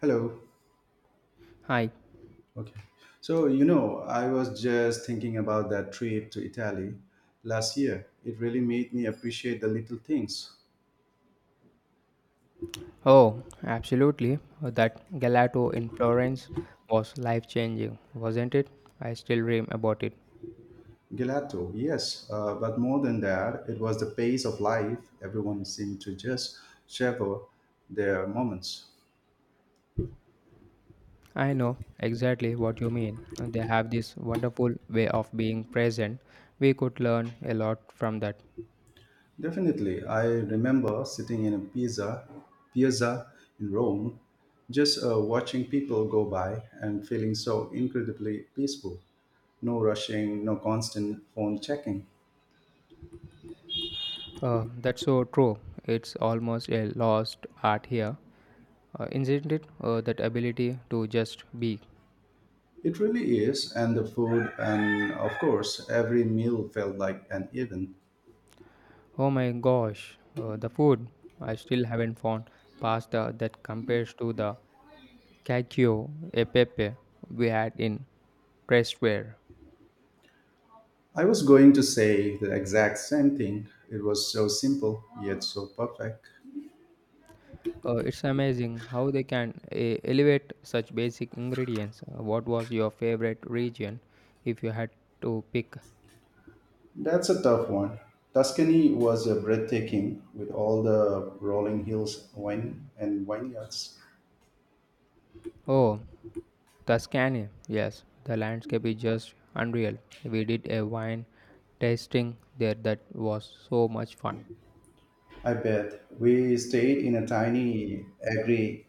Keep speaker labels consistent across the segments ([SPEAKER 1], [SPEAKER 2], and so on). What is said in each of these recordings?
[SPEAKER 1] Hello.
[SPEAKER 2] Hi.
[SPEAKER 1] Okay. So, you know, I was just thinking about that trip to Italy last year. It really made me appreciate the little things.
[SPEAKER 2] Oh, absolutely. That Galato in Florence was life changing, wasn't it? I still dream about it.
[SPEAKER 1] Gelato, yes, but more than that, it was the pace of life. Everyone seemed to just savor their moments.
[SPEAKER 2] I know exactly what you mean. They have this wonderful way of being present. We could learn a lot from that.
[SPEAKER 1] Definitely, I remember sitting in a piazza in Rome, just watching people go by and feeling so incredibly peaceful. No rushing, no constant phone checking.
[SPEAKER 2] That's so true. It's almost a lost art here, isn't it? That ability to just be.
[SPEAKER 1] It really is, and the food, and of course, every meal felt like an event.
[SPEAKER 2] Oh my gosh, the food. I still haven't found pasta that compares to the cacio e pepe we had in Pressware.
[SPEAKER 1] I was going to say the exact same thing. It was so simple, yet so perfect.
[SPEAKER 2] It's amazing how they can elevate such basic ingredients. What was your favorite region if you had to pick?
[SPEAKER 1] That's a tough one. Tuscany was a breathtaking with all the rolling hills wine and vineyards.
[SPEAKER 2] Oh, Tuscany. Yes, the landscape is just unreal. We did a wine tasting there that was so much fun.
[SPEAKER 1] I bet we stayed in a tiny agri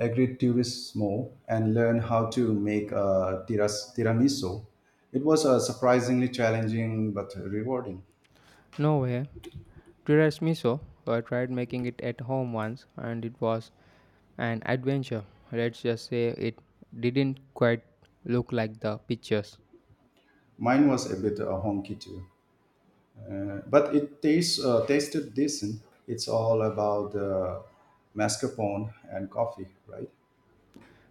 [SPEAKER 1] agriturismo and learn how to make a tiramisu. It was surprisingly challenging but rewarding.
[SPEAKER 2] No way. Tiramisu. Miso. I tried making it at home once and it was an adventure. Let's just say it didn't quite look like the pictures.
[SPEAKER 1] Mine was a bit honky too, but it tastes tasted decent. It's all about the mascarpone and coffee, right?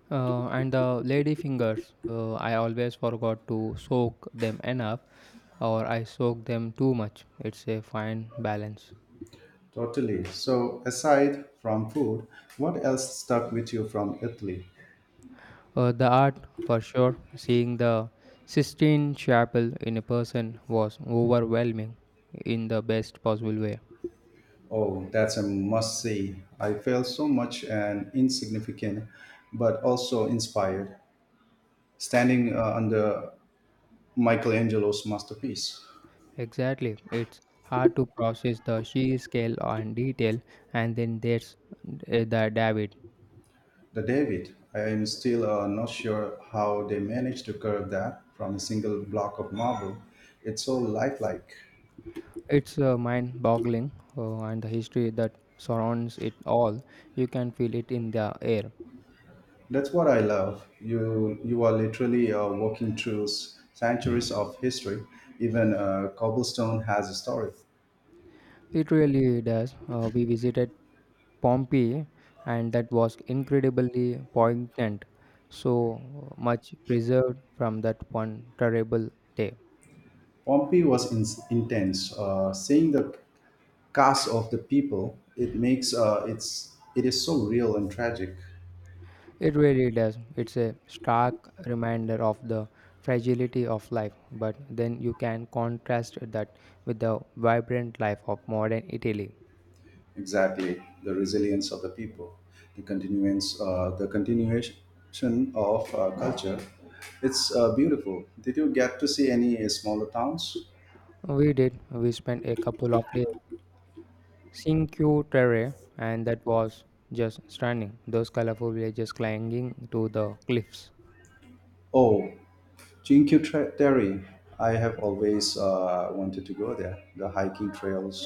[SPEAKER 2] And the lady fingers, I always forgot to soak them enough or I soak them too much. It's a fine balance.
[SPEAKER 1] Totally. So, aside from food, what else stuck with you from Italy?
[SPEAKER 2] The art, for sure, seeing the Sistine Chapel in a person was overwhelming in the best possible way.
[SPEAKER 1] Oh, that's a must see. I felt so much and insignificant, but also inspired. Standing under Michelangelo's masterpiece,
[SPEAKER 2] Exactly. It's hard to process the sheer scale and detail, and then there's the David.
[SPEAKER 1] The David. I am still not sure how they managed to carve that from a single block of marble. It's so lifelike.
[SPEAKER 2] It's mind boggling, and the history that surrounds it all. You can feel it in the air.
[SPEAKER 1] That's what I love. You are literally walking through centuries of history. Even cobblestone has a story.
[SPEAKER 2] It really does. We visited Pompeii, and that was incredibly poignant. So much preserved from that one terrible day.
[SPEAKER 1] Pompeii was intense. Seeing the cast of the people, it makes it is so real and tragic.
[SPEAKER 2] It really does. It's a stark reminder of the fragility of life, but then you can contrast that with the vibrant life of modern Italy.
[SPEAKER 1] Exactly, the resilience of the people, the the continuation of culture. It's beautiful. Did you get to see any smaller towns?
[SPEAKER 2] We did. We spent a couple of days Cinque Terre, and that was just stunning. Those colorful villages clinging to the cliffs.
[SPEAKER 1] Oh, Jinky Terry. I have always wanted to go there. The hiking trails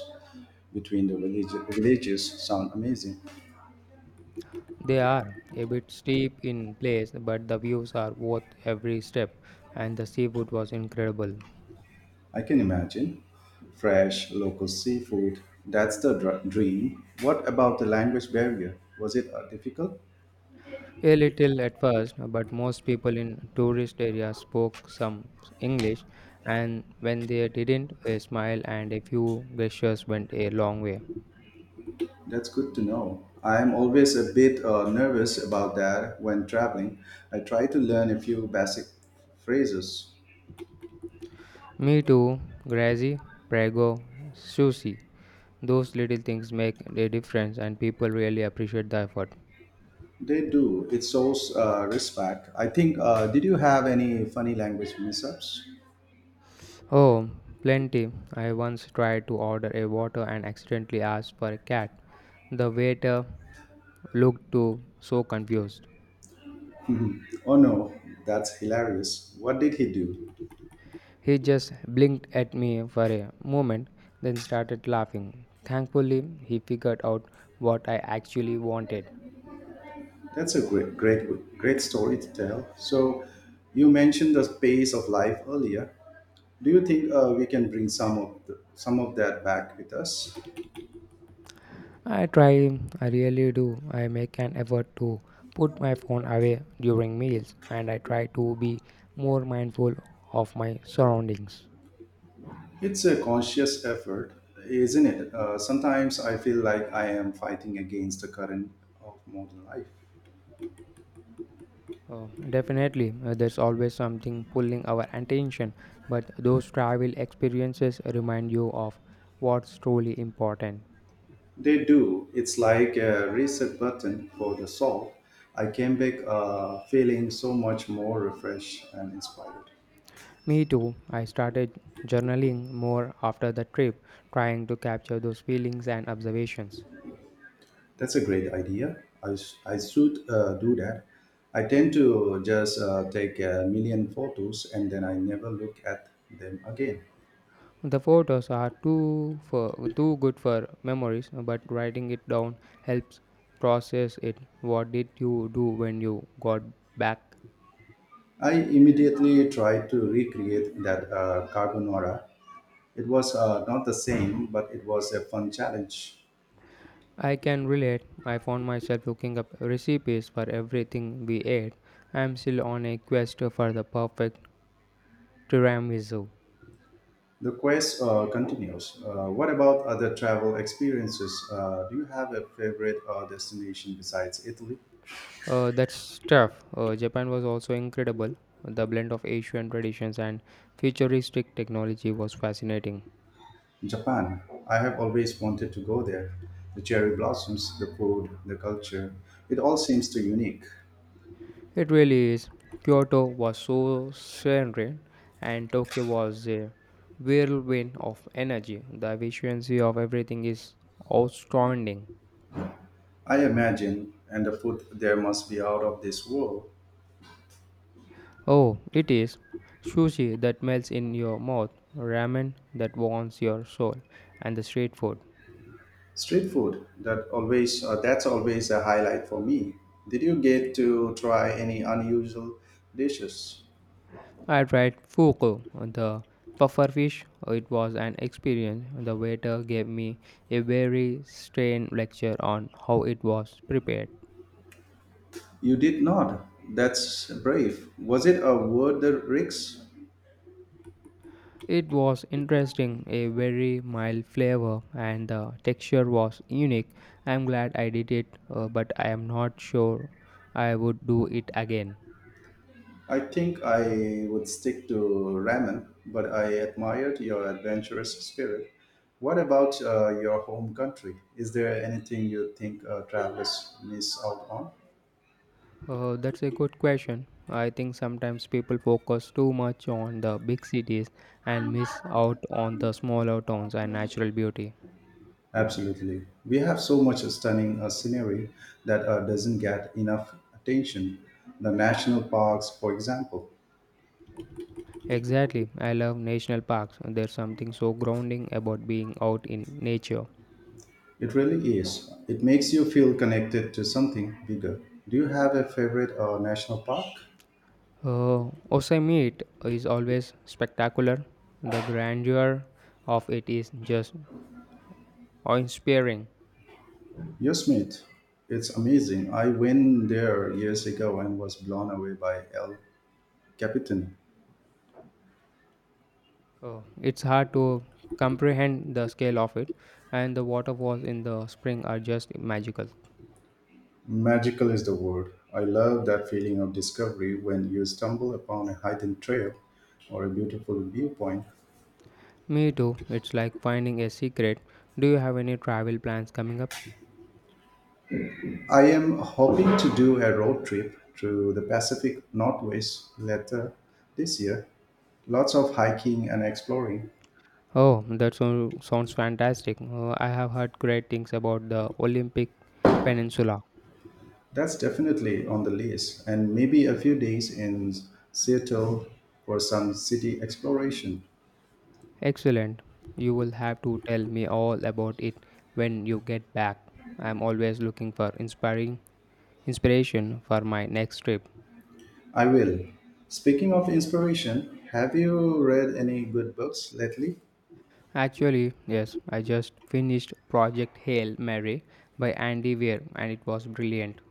[SPEAKER 1] between the villages sound amazing.
[SPEAKER 2] They are a bit steep in place, but the views are worth every step, and the seafood was incredible.
[SPEAKER 1] I can imagine. Fresh local seafood. That's the dream. What about the language barrier? Was it difficult?
[SPEAKER 2] A little at first, but most people in tourist areas spoke some English, and when they didn't, a smile and a few gestures went a long way.
[SPEAKER 1] That's good to know. I'm always a bit nervous about that when traveling. I try to learn a few basic phrases.
[SPEAKER 2] Me too, Grazi, Prego, Sushi. Those little things make a difference, and people really appreciate the effort.
[SPEAKER 1] They do. It shows respect. I think, did you have any funny language mishaps?
[SPEAKER 2] Oh, plenty. I once tried to order a water and accidentally asked for a cat. The waiter looked too so confused.
[SPEAKER 1] Oh no, that's hilarious. What did he do?
[SPEAKER 2] He just blinked at me for a moment, then started laughing. Thankfully, he figured out what I actually wanted.
[SPEAKER 1] That's a great story to tell. So, you mentioned the pace of life earlier. Do you think we can bring some of some of that back with us?
[SPEAKER 2] I try, I really do. I make an effort to put my phone away during meals and I try to be more mindful of my surroundings.
[SPEAKER 1] It's a conscious effort, isn't it? Sometimes I feel like I am fighting against the current of modern life.
[SPEAKER 2] Oh, definitely, there's always something pulling our attention, but those travel experiences remind you of what's truly important.
[SPEAKER 1] They do. It's like a reset button for the soul. I came back feeling so much more refreshed and inspired.
[SPEAKER 2] Me too. I started journaling more after the trip, trying to capture those feelings and observations.
[SPEAKER 1] That's a great idea. I should do that. I tend to just take a million photos and then I never look at them again.
[SPEAKER 2] The photos are too for, too good for memories, but writing it down helps process it. What did you do when you got back?
[SPEAKER 1] I immediately tried to recreate that carbonara. It was not the same, but it was a fun challenge.
[SPEAKER 2] I can relate. I found myself looking up recipes for everything we ate. I'm still on a quest for the perfect tiramisu.
[SPEAKER 1] The quest continues. What about other travel experiences? Do you have a favorite destination besides Italy?
[SPEAKER 2] That's tough. Japan was also incredible. The blend of Asian traditions and futuristic technology was fascinating.
[SPEAKER 1] Japan. I have always wanted to go there. The cherry blossoms, the food, the culture, it all seems too unique.
[SPEAKER 2] It really is. Kyoto was so serene, and Tokyo was a whirlwind of energy. The efficiency of everything is outstanding.
[SPEAKER 1] I imagine, and the food there must be out of this world.
[SPEAKER 2] Oh, it is. Sushi that melts in your mouth, ramen that warms your soul, and the street food.
[SPEAKER 1] Street food, that's always a highlight for me. Did you get to try any unusual dishes?
[SPEAKER 2] I tried fuku, the pufferfish. It was an experience. The waiter gave me a very strained lecture on how it was prepared.
[SPEAKER 1] You did not. That's brave. Was it a worth the risk?
[SPEAKER 2] It was interesting, a very mild flavor, and the texture was unique. I'm glad I did it, but I am not sure I would do it again.
[SPEAKER 1] I think I would stick to ramen, but I admired your adventurous spirit. What about your home country? Is there anything you think travelers miss out on?
[SPEAKER 2] That's a good question. I think sometimes people focus too much on the big cities and miss out on the smaller towns and natural beauty.
[SPEAKER 1] Absolutely. We have so much stunning scenery that doesn't get enough attention. The national parks, for example.
[SPEAKER 2] Exactly. I love national parks. There's something so grounding about being out in nature.
[SPEAKER 1] It really is. It makes you feel connected to something bigger. Do you have a favorite national park?
[SPEAKER 2] Yosemite is always spectacular. The grandeur of it is just awe-inspiring.
[SPEAKER 1] Yosemite. It's amazing. I went there years ago and was blown away by El Capitan.
[SPEAKER 2] It's hard to comprehend the scale of it, and the waterfalls in the spring are just magical.
[SPEAKER 1] Magical is the word. I love that feeling of discovery when you stumble upon a hidden trail or a beautiful viewpoint.
[SPEAKER 2] Me too. It's like finding a secret. Do you have any travel plans coming up?
[SPEAKER 1] I am hoping to do a road trip through the Pacific Northwest later this year. Lots of hiking and exploring.
[SPEAKER 2] Oh, that sounds fantastic. I have heard great things about the Olympic Peninsula.
[SPEAKER 1] That's definitely on the list, and maybe a few days in Seattle for some city exploration.
[SPEAKER 2] Excellent. You will have to tell me all about it when you get back. I am always looking for inspiring inspiration for my next trip.
[SPEAKER 1] I will. Speaking of inspiration, have you read any good books lately?
[SPEAKER 2] Actually, yes, I just finished Project Hail Mary by Andy Weir and it was brilliant.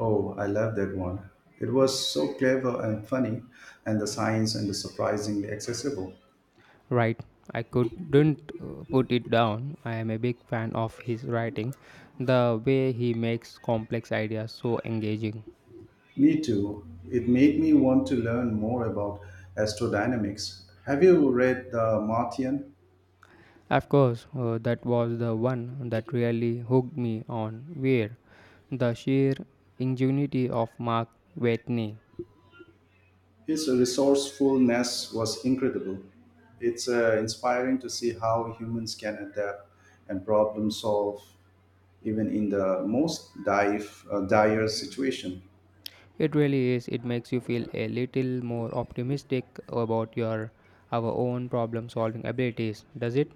[SPEAKER 1] Oh, I love that one. It was so clever and funny, and the science and the surprisingly accessible.
[SPEAKER 2] Right. I couldn't put it down. I am a big fan of his writing, the way he makes complex ideas so engaging.
[SPEAKER 1] Me too. It made me want to learn more about astrodynamics. Have you read The Martian?
[SPEAKER 2] Of course, that was the one that really hooked me on Weir, the sheer ingenuity of Mark Watney.
[SPEAKER 1] His resourcefulness was incredible. It's inspiring to see how humans can adapt and problem solve even in the most dire situation.
[SPEAKER 2] It really is. It makes you feel a little more optimistic about your our own problem solving abilities, does it?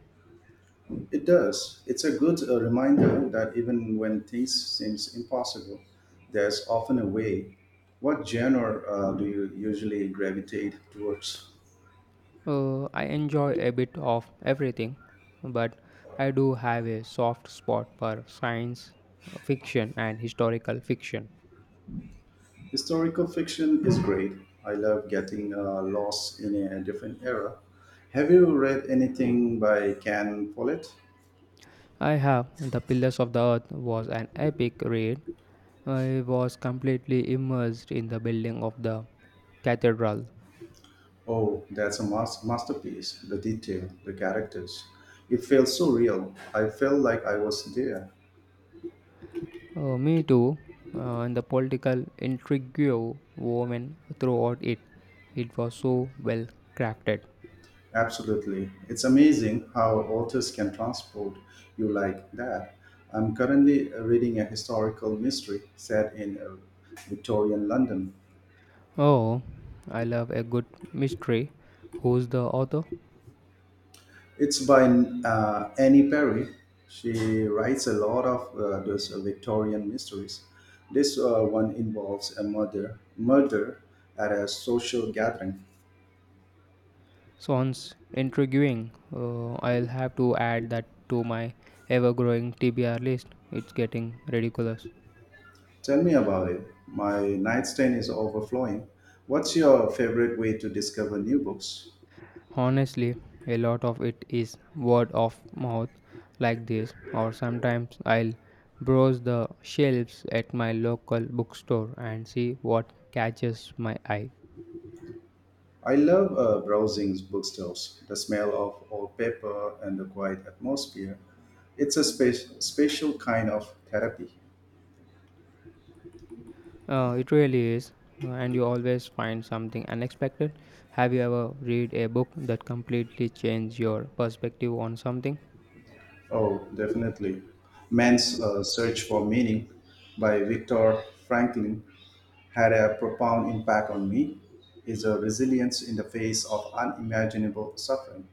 [SPEAKER 1] It does. It's a good reminder that even when things seems impossible, there's often a way. What genre do you usually gravitate towards?
[SPEAKER 2] I enjoy a bit of everything, but I do have a soft spot for science fiction and historical fiction.
[SPEAKER 1] Historical fiction is great. I love getting lost in a different era. Have you read anything by Ken Follett?
[SPEAKER 2] I have. The Pillars of the Earth was an epic read. I was completely immersed in the building of the cathedral.
[SPEAKER 1] Oh, that's a masterpiece. The detail, the characters. It feels so real. I felt like I was there.
[SPEAKER 2] Me too, and the political intrigue woven throughout it. It was so well crafted.
[SPEAKER 1] Absolutely. It's amazing how authors can transport you like that. I'm currently reading a historical mystery set in Victorian London.
[SPEAKER 2] Oh, I love a good mystery. Who's the author?
[SPEAKER 1] It's by Annie Perry. She writes a lot of those Victorian mysteries. This one involves a murder at a social gathering.
[SPEAKER 2] Sounds intriguing. I'll have to add that to my ever growing TBR list. It's getting ridiculous.
[SPEAKER 1] Tell me about it. My nightstand is overflowing. What's your favorite way to discover new books?
[SPEAKER 2] Honestly, a lot of it is word of mouth like this, or sometimes I'll browse the shelves at my local bookstore and see what catches my eye.
[SPEAKER 1] I love browsing bookstores, the smell of old paper and the quiet atmosphere. It's a special kind of therapy.
[SPEAKER 2] It really is, and you always find something unexpected. Have you ever read a book that completely changed your perspective on something?
[SPEAKER 1] Oh, definitely. Man's Search for Meaning by Viktor Franklin had a profound impact on me. Is a resilience in the face of unimaginable suffering.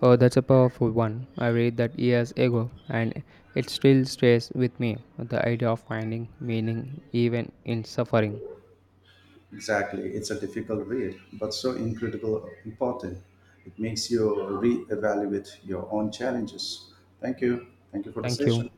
[SPEAKER 2] Oh, that's a powerful one. I read that years ago, and it still stays with me the idea of finding meaning even in suffering.
[SPEAKER 1] Exactly. It's a difficult read, but so incredibly important. It makes you reevaluate your own challenges. Thank you. Thank you for the
[SPEAKER 2] Thank you.
[SPEAKER 1] session.